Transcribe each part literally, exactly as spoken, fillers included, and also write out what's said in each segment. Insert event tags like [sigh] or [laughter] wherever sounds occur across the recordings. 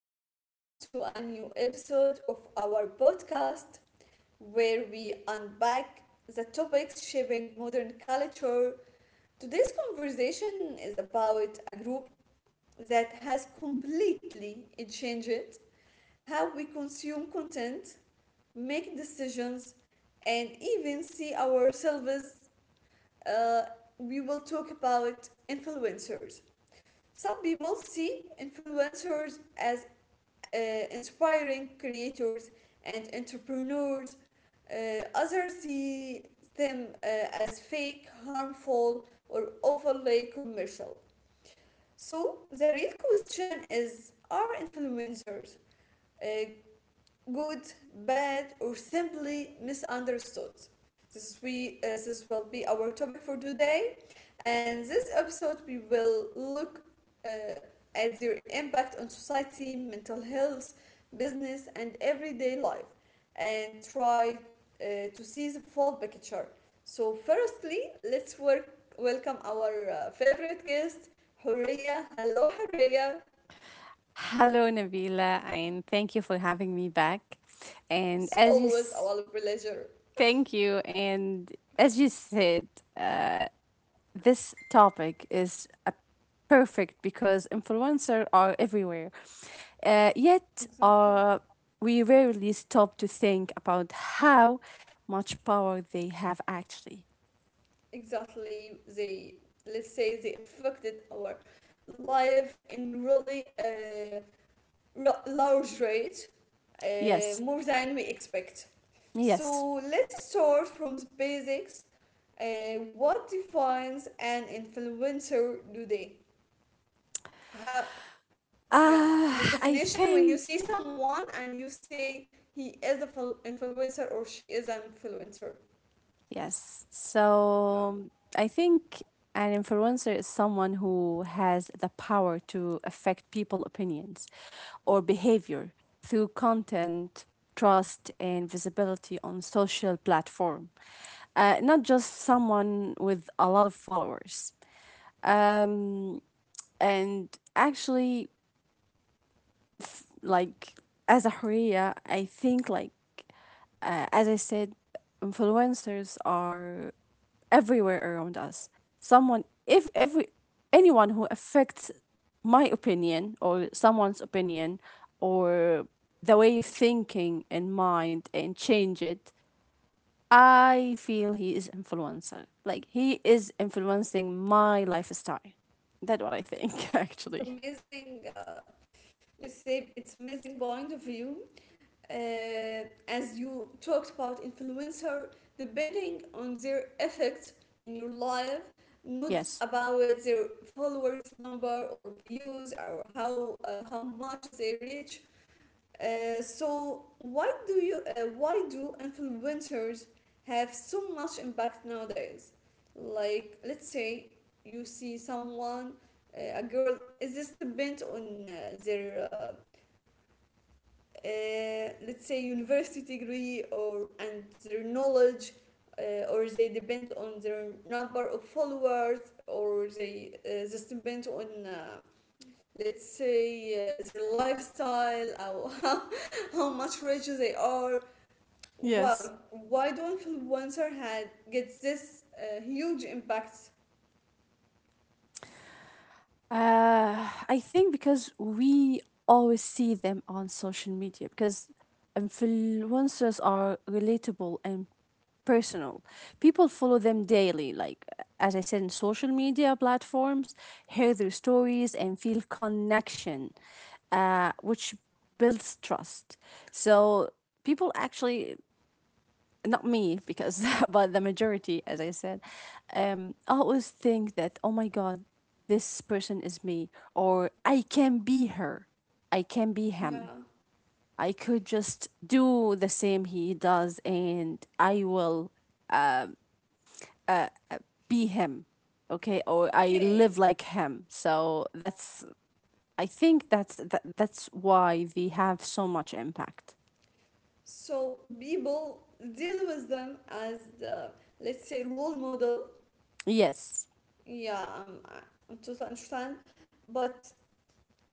and welcome to a new episode of our podcast where we unpack the topics shaping modern culture. Today's conversation is about a group that has completely changed how we consume content, make decisions, and even see ourselves. Uh, we will talk about influencers. Some people see influencers as uh, inspiring creators and entrepreneurs. Uh, others see them uh, as fake, harmful, or overly commercial. So, the real question is are influencers uh, good, bad, or simply misunderstood. This we uh, this will be our topic for today, and this episode we will look uh, at their impact on society, mental health, business, and everyday life, and try uh, to see the full picture. So, firstly, let's work, welcome our uh, favorite guest, Horia. Hello, Horia. Hello, Nabila, and thank you for having me back. And It's as you always s- our pleasure. Thank you, and as you said, uh, this topic is a perfect because influencers are everywhere. Uh, yet, Exactly. uh, we rarely stop to think about how much power they have actually. exactly they let's say they affected our life in really a ra- large rate, uh, Yes, more than we expect. yes. So let's start from the basics. Uh, what defines an influencer today, how? Yeah, the Uh, I definition, when think. you see someone and you say he is a fil- influencer or she is an influencer. Yes. Yeah, So I think an influencer is someone who has the power to affect people opinions or behavior through content, trust and visibility on social platform. Uh, not just someone with a lot of followers. Um, and actually, like, as a Horea, I think, like, uh, as I said, influencers are everywhere around us. Someone, if every anyone who affects my opinion or someone's opinion or the way of thinking and mind and change it, I feel he is influencer. Like he is influencing my lifestyle. That's what I think, [laughs] it's actually. amazing. Uh, let's say it's amazing point of view. Uh, as you talked about influencer depending on their effects in your life, not Yes. about their followers number or views or how uh, how much they reach. Uh, so why do you uh, why do influencers have so much impact nowadays? Like let's say you see someone, uh, a girl, is this depend on uh, their uh, uh, let's say university degree or and their knowledge, uh, or they depend on their number of followers, or they uh, just depend on, uh, let's say, uh, their lifestyle, how, [laughs] how, how much richer they are? why Yes. why do not influencer had get this uh, huge impact? Uh, I think because we always see them on social media, because influencers are relatable and personal. People follow them daily, like as I said, in social media platforms, hear their stories and feel connection, uh, which builds trust. So people actually, not me because [laughs] but the majority, as I said, um I always think that, oh my god, this person is me, or I can be her, I can be him. Yeah, I could just do the same he does and I will be him. Okay, or I live okay. like him, so that's, I think that's that, that's why they have so much impact. So people deal with them as the, let's say, role model. Yes, Yeah, I'm, i I totally understand. But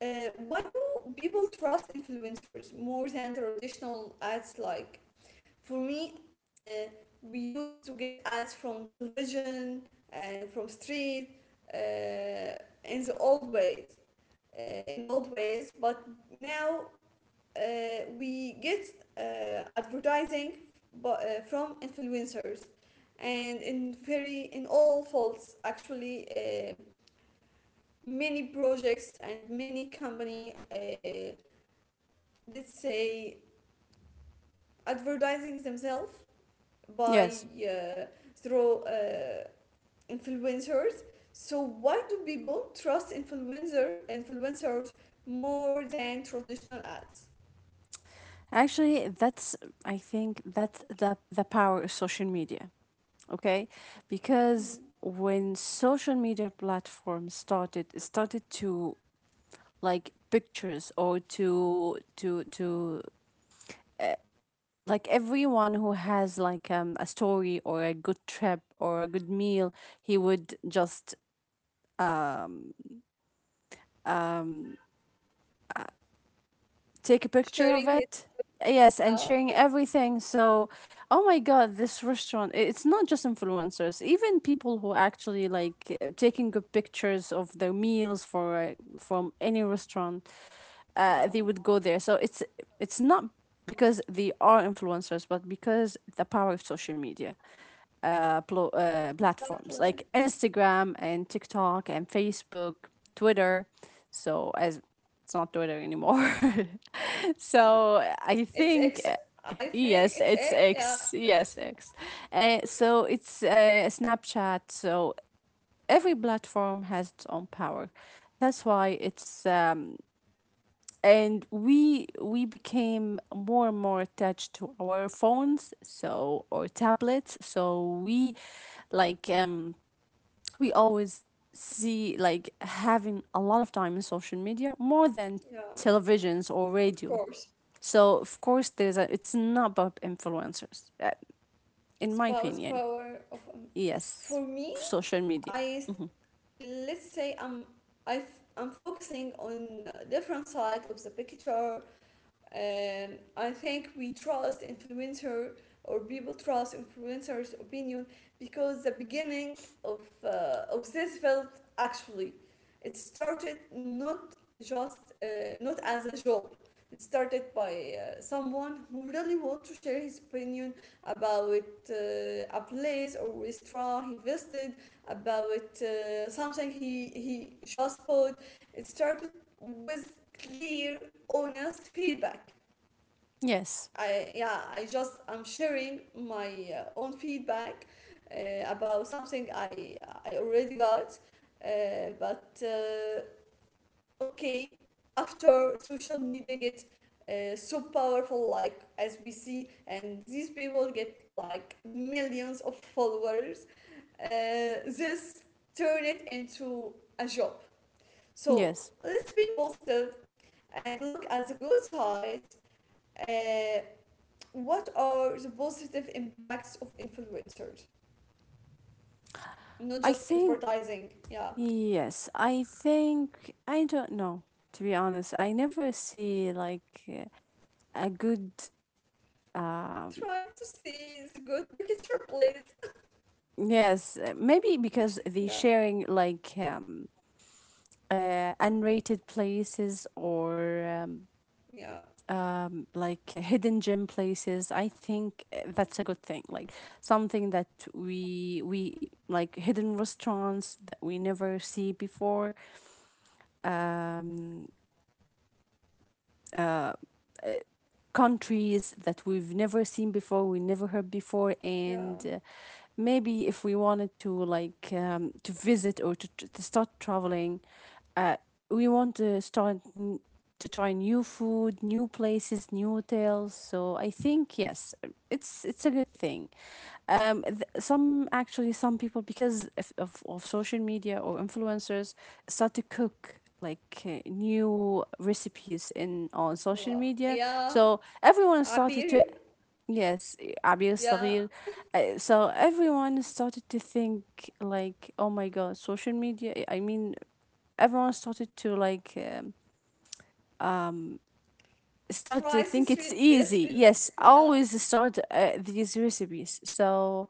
uh, why do people trust influencers more than traditional ads? Like for me, uh, we used to get ads from television and from street, uh, in the old ways, uh, in old ways. But now uh, we get uh, advertising, but uh, from influencers, and in very in all folds actually. um Many projects and many company, uh, let's say, advertising themselves by, yes. uh, through uh, influencers. So why do people trust influencer influencers more than traditional ads? Actually, that's I think that's the the power of social media. Okay, because Mm. when social media platforms started started to like pictures, or to to to like, everyone who has like um, a story or a good trip or a good meal, he would just take a Sharing picture his. of it. Yes, Oh, and [laughs] sharing everything. So, oh my God, this restaurant, i- it's not just influencers, even people who actually like uh, taking good pictures of their meals for uh, from any restaurant, uh, yeah, they would go there. So it's it's not because they are influencers, but because the power of social media uh, plo- uh, platforms exactly. like Instagram and TikTok and Facebook, Twitter. So as, it's not Twitter anymore. [laughs] Yeah, So I it's think, X. uh, I think yes, it's it's X. Yeah, X. Yes, X. Uh, so it's uh, Snapchat. So every platform has its own power. That's why it's um, and we we became more and more attached to our phones, so, or tablets. So we, like, um we always see, like, having a lot of time in social media more than yeah, televisions or of radio. course. So of course there's a, it's not about influencers, uh, in my Spouse opinion. power of um, for Yes, me. social media. i Mhm. let's say I'm, I am focusing on a different side of the picture. um, I think we trust influencer, or people trust influencers' opinion, because the beginning of uh, of this felt, actually, it started not just uh, not as a job. It started by uh, someone who really wanted to share his opinion about uh, a place or restaurant he visited, about uh, something he he just bought. It started with clear honest feedback. Yes, I yeah, I just I'm sharing my uh, own feedback uh, about something I I already got, uh, but uh, okay, after social media get uh, so powerful, like as we see, and these people get like millions of followers, uh, this turn it into a job. So yes. let's be positive and look at the good side. Uh, what are the positive impacts of influencers? Not I just think advertising. Yeah. yes. I think I don't know. To be honest, I never see like uh, a good. Try Um, to see the good picture, please. yes, uh, maybe [laughs] because Yeah. they sharing like, um, uh, unrated places, or um, Yeah. like hidden gem places. I think uh, that's a good thing, like something that we we like, hidden restaurants that we never see before, um countries that we've never seen before, we never heard before. Yeah. And uh, maybe if we wanted to like, um, to visit, or to, to to start traveling, uh we want to start n- to try new food, new places, new hotels. So I think yes, it's it's a good thing. Um th- some, actually some people, because of, of, of social media or influencers, start to cook like uh, new recipes in, Well, on social yeah. media. So everyone Abir. started to, yes, Yeah. Abi الصغير, uh, so everyone started to think like, oh my god, social media, I mean, everyone started to like, um, Try these start to re- think it's recipes. [laughs] easy. Yes, Yeah. always start uh, these recipes. So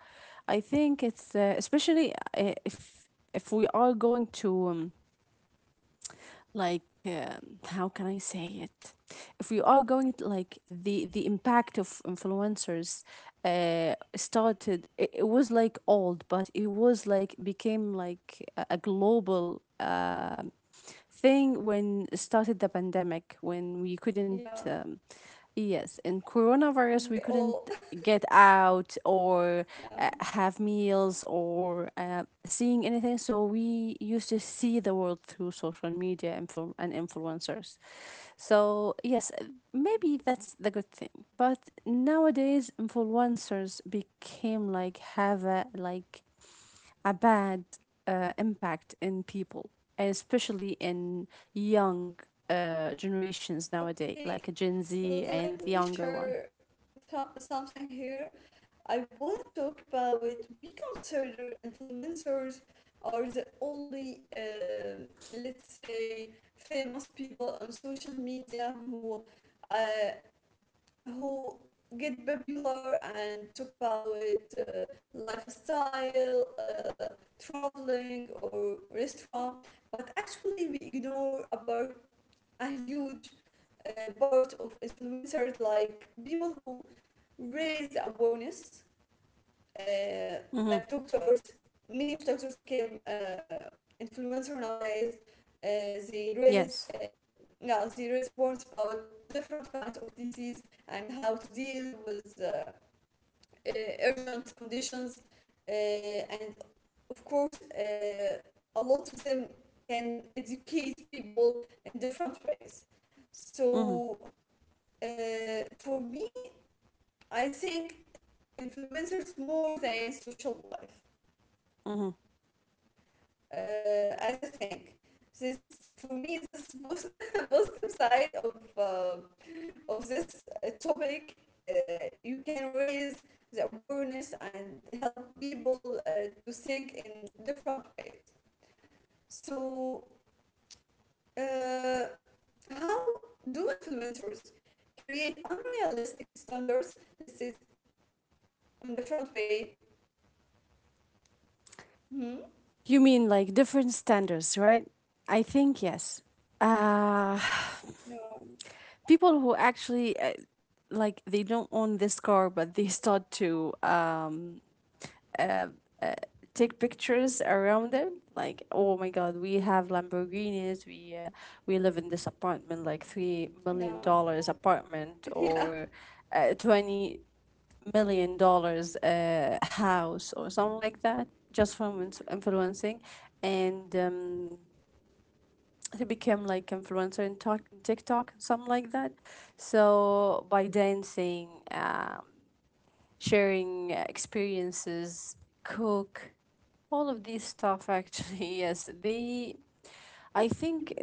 I think it's, uh, especially uh, if if we are going to, um, like, um how can I say it? If we are going to like the the impact of influencers, uh started it, it was like old, but it was like became like a, a global uh thing when started the pandemic, when we couldn't, Yeah. um, yes, in coronavirus, We we all. couldn't [laughs] get out or Yeah. uh, have meals or uh, seeing anything. So we used to see the world through social media influ- and influencers. So yes, uh, maybe that's the good thing. But nowadays influencers became like, have a like a bad uh, impact in people, especially in young uh, generations nowadays, Okay. like a Gen Z and the Let me younger one. share something here. I want to talk about it. We consider influencers are the only, uh, let's say, famous people on social media who, uh, who get popular and talk about it, uh, lifestyle, uh, traveling or restaurant. But actually, we ignore about a huge uh, part of influencers, like people who raise awareness, uh, Hmm. like doctors. Many of doctors became uh, influencer nowadays. Uh, they raise, Yes. uh, yeah, they raise awareness about different kinds of disease and how to deal with uh, uh, urgent conditions. Uh, and of course, uh, a lot of them can educate people in different ways. Hmm. So, uh, for me, I think influencers more than social life, Hmm. uh, as I think. This for me this pos- [laughs] positive side of uh, of this uh, topic. Uh, you can raise the awareness and help people uh, to think in different ways. So uh, how do influencers create unrealistic standards listed in different way? Hmm? You mean like different standards, right? I think yes. Uh, Yeah, [sighs] People who actually, uh, like, they don't own this car, but they start to, um, take pictures around it, like, oh my god, we have lamborghinis, we, uh, we live in this apartment, like three million yeah, dollars apartment, [laughs] yeah, or uh, twenty million dollars uh, house or something like that, just from ins- influencing. And um, to become like influencer in talk, tiktok, something like that, so by dancing, um, sharing uh, experiences, cook, all of these stuff, actually, [laughs] yes, they, I think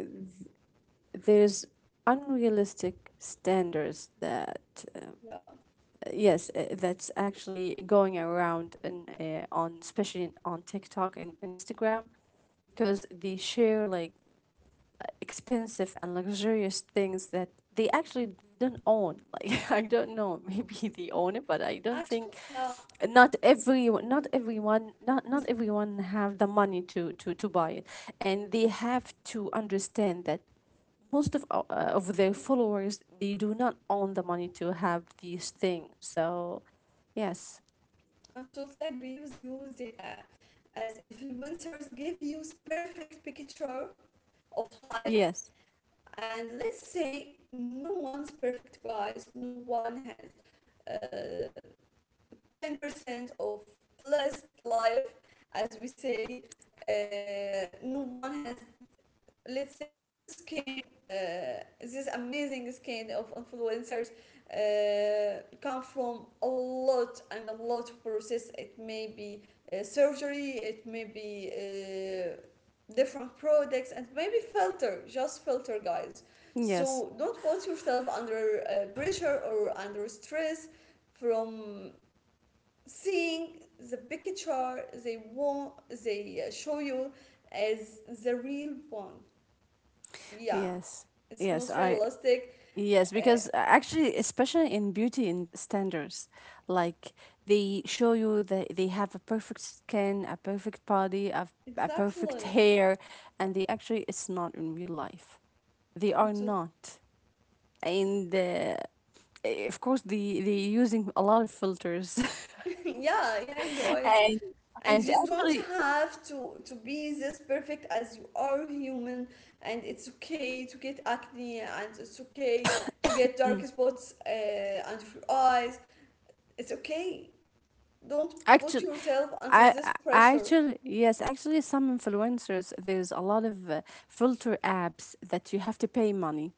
there's unrealistic standards that, uh, yeah. yes, uh, that's actually going around, and uh, on, especially on TikTok and Instagram, because they share like expensive and luxurious things that they actually don't own. [laughs] Like, I don't know, [laughs] maybe they own it, but I don't think Actually, yeah, not every not everyone, not, not s- everyone have the money to, to to buy it. And they have to understand that most of our, uh, of their followers, they do not own the money to have these things, so yes. I totally agree with you. With the, uh, as influencers give you perfect picture of life, Yes. and let's say no one's perfect, guys. No one has uh, ten percent of blessed life, as we say. Uh, no one has, let's say, this skin, uh, this amazing skin of influencers uh, come from a lot and a lot of process. It may be uh, surgery, it may be uh, different products, and maybe filter, just filter, guys. Yes. So don't put yourself under uh, pressure or under stress from seeing the picture they want they uh, show you as the real one. Yeah, Yes. it's yes not I realistic. Yes, Uh, because uh, actually, especially in beauty and standards, like, they show you that they have a perfect skin, a perfect body, a, a perfect exactly. hair, and they actually, it's not in real life. They are [laughs] not. And uh, eh, of course, they, they using a lot of filters. Yeah, yeah, [laughs] guys. and, And and you don't actually, have to to be this perfect, as you are human, and it's okay to get acne, and it's okay to get dark spots uh, under your eyes. It's okay, don't put actually, yourself under I, this I pressure. actually, yes, actually some influencers, there's a lot of uh, filter apps that you have to pay money,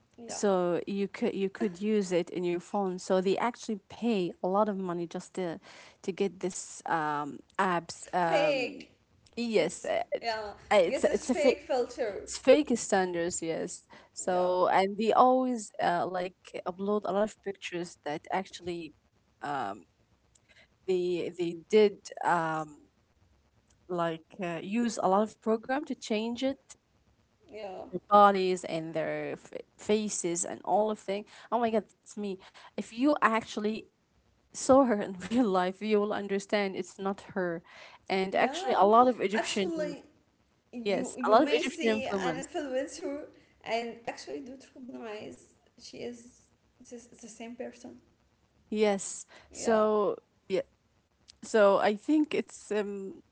Yeah, so you could, you could use it in your phone, so they actually pay a lot of money just to to get this um apps. um fake. yes It's, uh, it- yeah, uh, to get it's this it's a fake, fake filter. it's fake standards, yes. Yeah, So, and they always, uh, like, upload a lot of pictures that actually, um they they did, um like, uh, use a lot of program to change it, yeah, their bodies and their f- faces and all of thing. Oh my god, it's me. If you actually saw her in [laughs] real life, you will understand it's not her. And actually, yeah. a lot of Egyptian, Actually, you yes, a you lot of may Egyptian see an influence. influencer and actually don't recognize she is this, the same person. Yes. Yeah, So yeah. So I think it's um.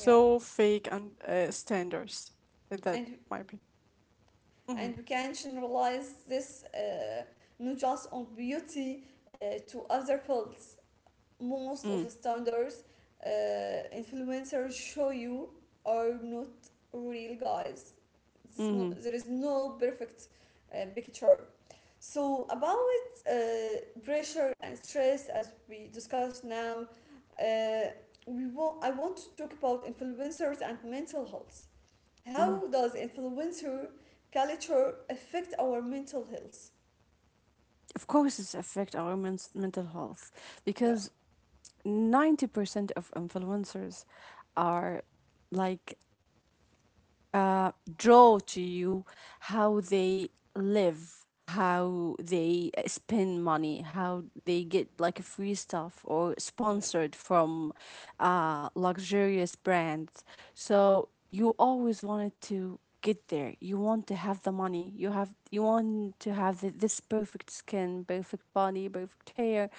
yeah. And Mhm. and we can generalize this, uh, not just on beauty, uh, to other fields. Most of Mm. the standards, uh, influencers show you, are not real, guys. This is no, Mhm. there is no perfect uh, picture. So about uh, pressure and stress, as we discussed now, uh, we want I want to talk about influencers and mental health. Mhm. How does influencer culture affect our mental health? Of course, it's affect our men's mental health, Yeah, because ninety percent of influencers are, like, uh, draw to you how they live, how they uh, spend money, how they get like free stuff or yeah, sponsored from uh, luxurious brands. So you always wanted to get there. You want to have the money. You have you want to have the, this perfect skin, perfect body, perfect hair.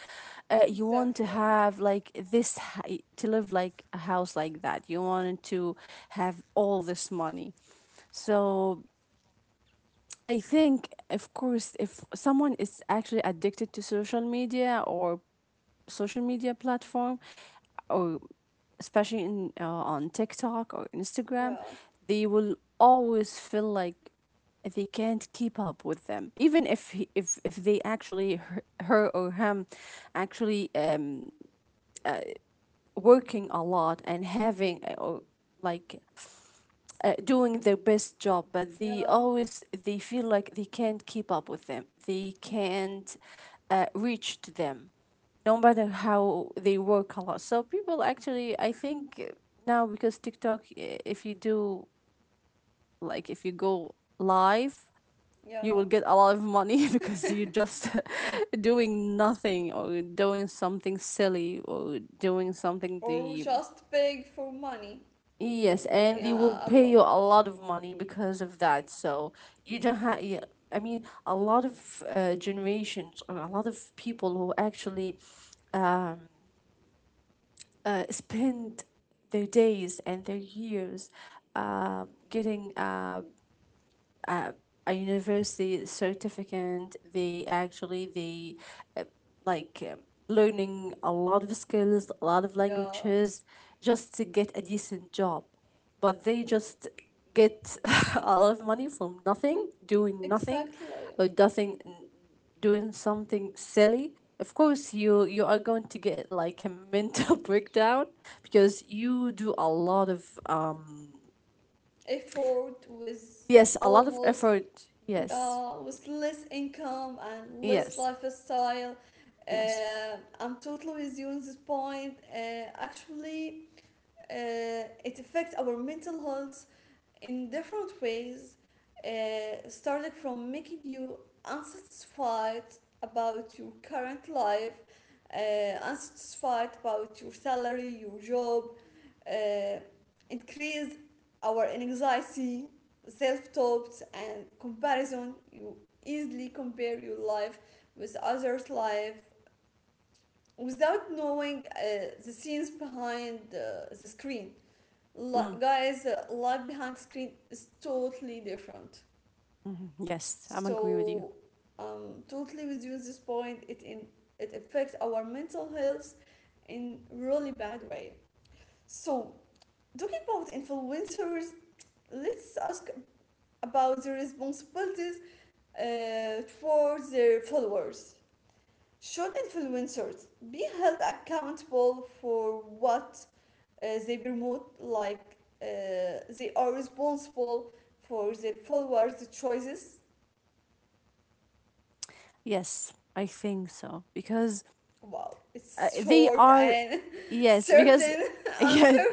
Uh, you want exactly. to have like this, h- to live like a house like that. You wanted to have all this money. So I think, of course, if someone is actually addicted to social media or social media platform, or especially in, uh, on TikTok or Instagram, Yeah, they will always feel like they can't keep up with them, even if he, if if they actually, her, her or him, actually, um working a lot and having, uh, or like, uh, doing their best job, but they yeah, always they feel like they can't keep up with them. They can't uh, reach to them, no matter how they work a lot. So people actually, I think, uh, now because TikTok, i- if you do, like, if you go live. You yeah. will get a lot of money [laughs] because you just [laughs] doing nothing or doing something silly or doing something Or the, just beg for money. yes, and they will Yeah, a pay lot. you a lot of money because of that. So you don't have. I mean, a lot of uh, generations or a lot of people who actually, um, uh, spend their days and their years uh, getting, uh, uh, a university certificate, they actually they, uh, like, um, learning a lot of skills, a lot of Yeah, languages, just to get a decent job, but they just get [laughs] a lot of money from nothing, doing nothing, exactly. or nothing, doing something silly. Of course you, you are going to get like a mental [laughs] breakdown because you do a lot of um Effort with yes, a lot of almost, effort, yes. yeah, with less income and less Yes. lifestyle. Yes. Uh, I'm totally with you on this point. Uh, actually, uh, it affects our mental health in different ways, uh, starting from making you unsatisfied about your current life, uh, unsatisfied about your salary, your job, uh, increase our anxiety, self doubts and comparison. You easily compare your life with others' life without knowing uh, the scenes behind uh, the screen. Li- Mm, Guys, uh, life behind screen is totally different. mhm. Yes, I'm agree with you. So, um, totally with you at this point. It in it affects our mental health in really bad way. So, talking about influencers, let's ask about the responsibilities uh, towards their followers. Should influencers be held accountable for what uh, they promote, like uh, they are responsible for their followers' choices? Yes, I think so, because Wow, uh, it's they short are. and [laughs] Yes, because certain [laughs] [laughs] yes, answer.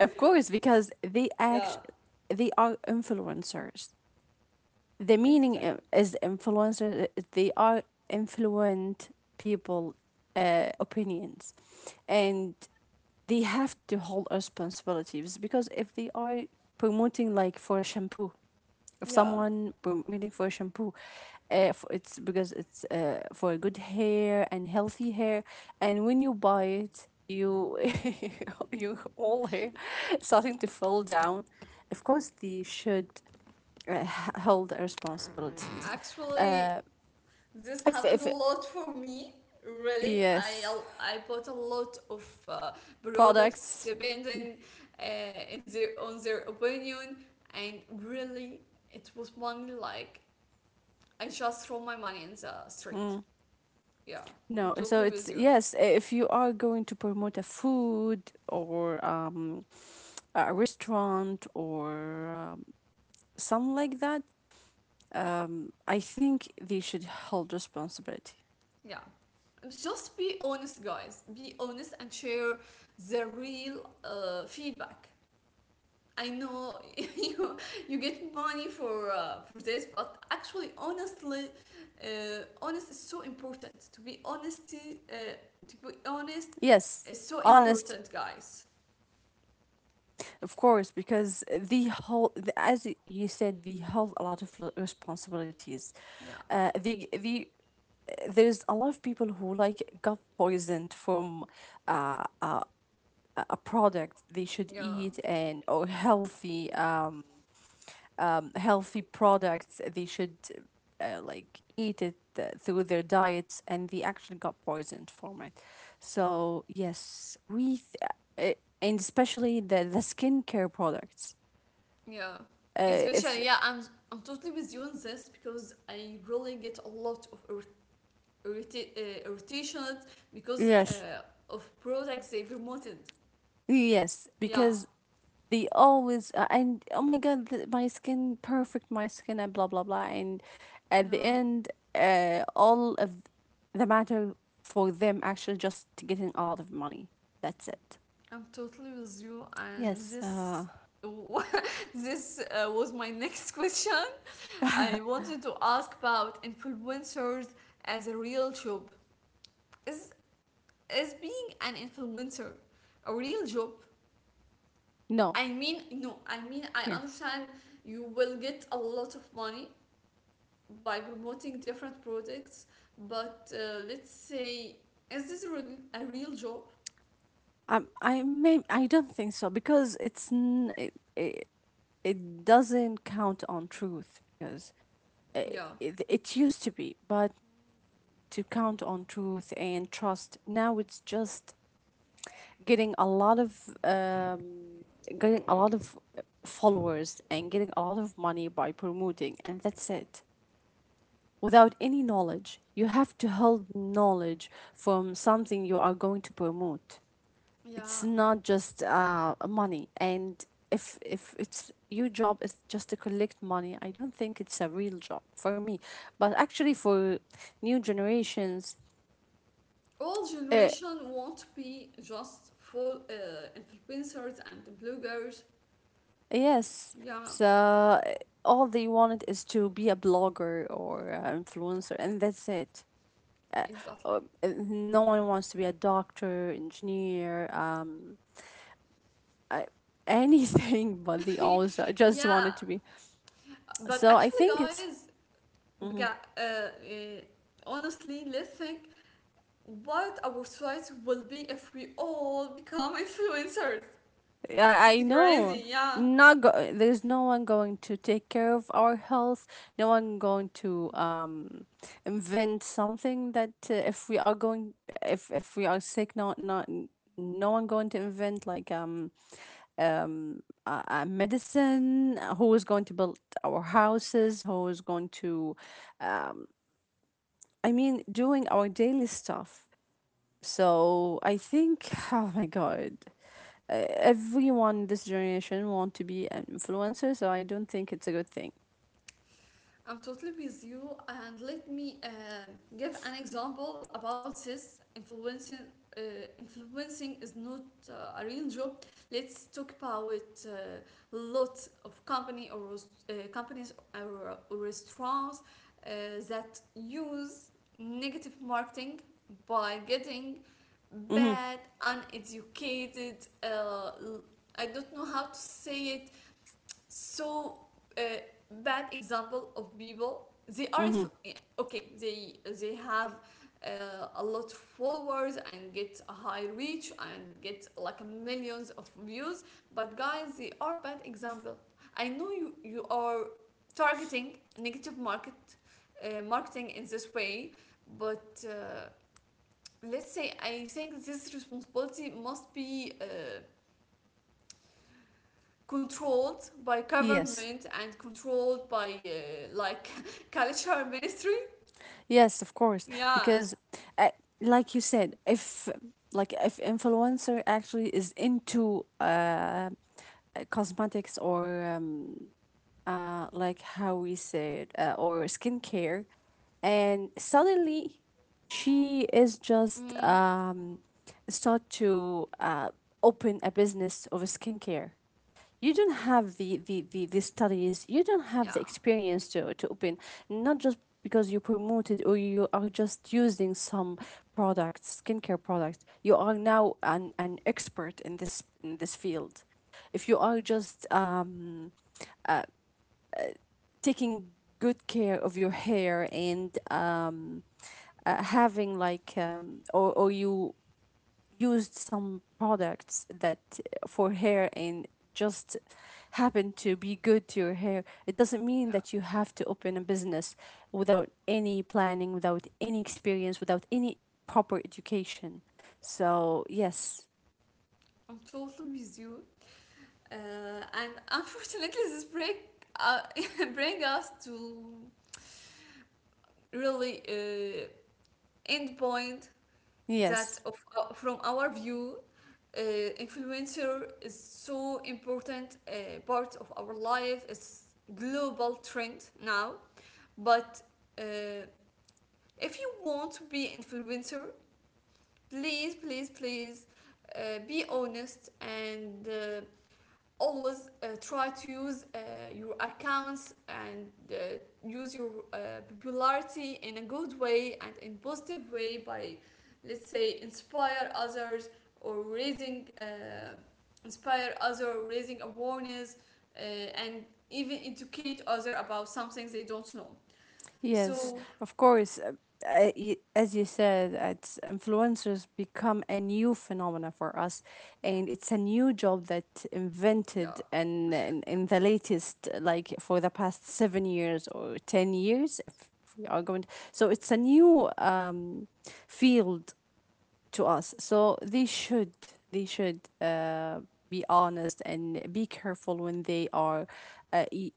of course, because they act. Yeah, They are influencers. The meaning i- exactly. is influencer. uh, They are influent people, uh, opinions, and they have to hold responsibilities because if they are promoting, like, for a shampoo. If Yeah. someone promoting for a shampoo, uh, f- it's because it's uh, for good hair and healthy hair, and when you buy it you [laughs] you all hair starting to fall down, of course they should uh, h- hold the responsibilities. Actually, uh this if happened if a lot for me. Really, I Yes, al- I bought a lot of uh, products products. depending uh, in their on their opinion, and really, it was money like I just throw my money in the street. Yeah, I'm No, so totally it's, with you. yes, if you are going to promote a food or um, a restaurant or um, something like that, I think they should hold responsibility. Yeah, just be honest, guys. Be honest and share the real uh, feedback. I know [laughs] you you get money for uh, for this, but actually, honestly, uh, honest is so important. To be honesty, uh, to be honest Yes, is so honest, important, guys. of course, because they hold, the- as y- you said, they hold a lot of l- responsibilities. Yeah, Uh, the the there's a lot of people who like got poisoned from uh, a a a product they should yeah, eat and or healthy. Um, um, healthy products they should uh, like eat it uh, through their diets, and they actually got poisoned from it. So yes, we th- uh, and especially the the skincare products. yeah. Uh, if, Especially, yeah, I'm I'm totally with you on this because I really get a lot of irrit- irrita- uh, irritations because yes. uh, of products they promoted. Yes, Yeah, because they always uh, and oh my god, th- my skin perfect, my skin, and blah blah blah, and at the yeah. end uh, all of the matter for them actually just to getting a lot of money, that's it. I'm totally with you, and Yes. Uh, this [laughs] this uh, was my [laughs] next question. I wanted to ask about influencers as a real job. Is is being an influencer a real job? No. I mean, no. I mean, I Yeah. understand you will get a lot of money by promoting different products, but uh, let's say, is this a a real job? Um, I may. I don't think so because it's n- it, it, it doesn't count on truth because it, Yeah. it it used to be, but to count on truth and trust. Now it's just getting a lot of um getting a lot of followers and getting a lot of money by promoting, and that's it without any knowledge. You have to hold knowledge from something you are going to promote. It's Yeah, not just uh, money, and if if it's, your job is just to collect money, I don't think it's a real job for me. But actually for new generations, all uh, generation won't be just full uh, influencers and bloggers. yes. Yeah, So uh, all they wanted is to be a blogger or an influencer, and that's it. uh, exactly. uh, no one wants to be a doctor, engineer, um, uh, anything, [laughs] but they also [laughs] just wanted Yeah, to be. but So I actually think it's. guys, Mm-hmm. بجا- uh, uh, honestly, let's think what our society will be if we all become [laughs] influencers. I, It's I know. crazy, yeah. Not go- there's no one going to take care of our health. No one going to um invent something that uh, if we are going. If if we are sick, not not no one going to invent like um um a, a medicine. Who is going to build our houses? Who is going to um I mean doing our daily stuff. So I think, [laughs] oh my god, uh, everyone this generation want to be an influencer, so I don't think it's a good thing. I'm totally with you, and let me um give an example about this. Influencing, uh, influencing is not uh, a real job. Let's talk about uh, lot of company or uh, companies or, or restaurants uh, that use negative marketing by getting Hmm. bad, uneducated. Uh, I I don't know how to say it, so, uh, bad example of people they are, Hmm. yeah, okay, they they have uh, a lot of followers and get a high reach and get like millions of views, but guys, they are bad example. I know you you are targeting negative market uh, marketing in this way, but uh, let's say, I think this responsibility must be uh, controlled by Yes. government and controlled by, uh, like, [laughs] culture ministry. Yes, of course, Yeah, because uh, like you said, if like if influencer actually is into uh uh, cosmetics or um, uh, like how we said, uh, or skincare, and suddenly she is just mm, um, start to uh, open a business of skincare. You don't have the, the, the, the studies, you don't have the yeah, experience to, to open, not just because you promoted or you are just using some products, skincare products. You are now an, an expert in this in this field. If you are just um, taking good care of your hair and um, uh, having like um, or, or you used some products that uh, for hair and just happen to be good to your hair, it doesn't mean that yeah. you have to open a business without any planning, without any experience, without any proper education. So yes. I'm totally with you. Uh, and [laughs] unfortunately, this break uh, [laughs] bring us to really uh, end point, that Yes. of, uh, from our view, uh, influencer is so important uh, part of our life, it's global trend now, but uh, if you want to be an influencer, please, please, please uh, be honest, and uh, always uh, try to use uh, your accounts and uh, use your uh, popularity in a good way and in positive way by, let's say, inspire others or raising uh, inspire other raising awareness, uh, and even educate other about something they don't know. Yes, So of course. uh, uh, As you said, it's influencers become a new phenomena for us, and it's a new job that invented yeah, and in, in the latest, like for the past seven years or ten years, if, if we are going. To, so it's a new um, field to us. So they should they should uh, be honest and be careful when they are uh, y-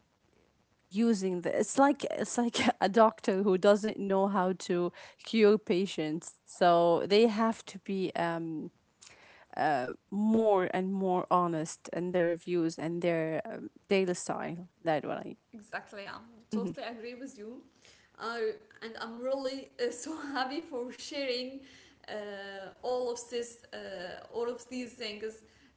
using the. It's like it's like [laughs] a doctor who doesn't know how to cure patients, so they have to be um more and more honest in their reviews and their um, daily style, that what i. exactly, I Mhm. totally agree with you. Uh, and I'm really uh, so [laughs] happy for sharing uh, all of this, uh, all of these things,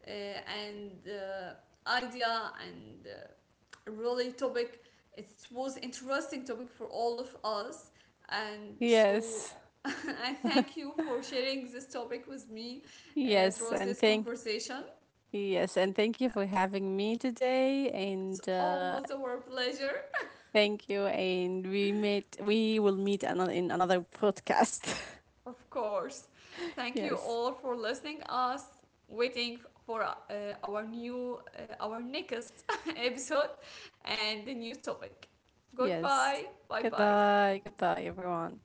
uh, and uh, idea and uh, really topic. It was interesting topic for all of us, and so Yes. [laughs] I thank you for sharing this topic with me uh, yes through and this thank conversation. yes, and thank you Yeah, for having me today, it's and always uh our pleasure. thank you, and we meet we will meet another in another podcast. Of course. [laughs] Thank you all Yes. for listening us, waiting for uh, our new, uh, our next [laughs] episode and the new topic. Goodbye. Yes, Bye bye. goodbye. Goodbye everyone.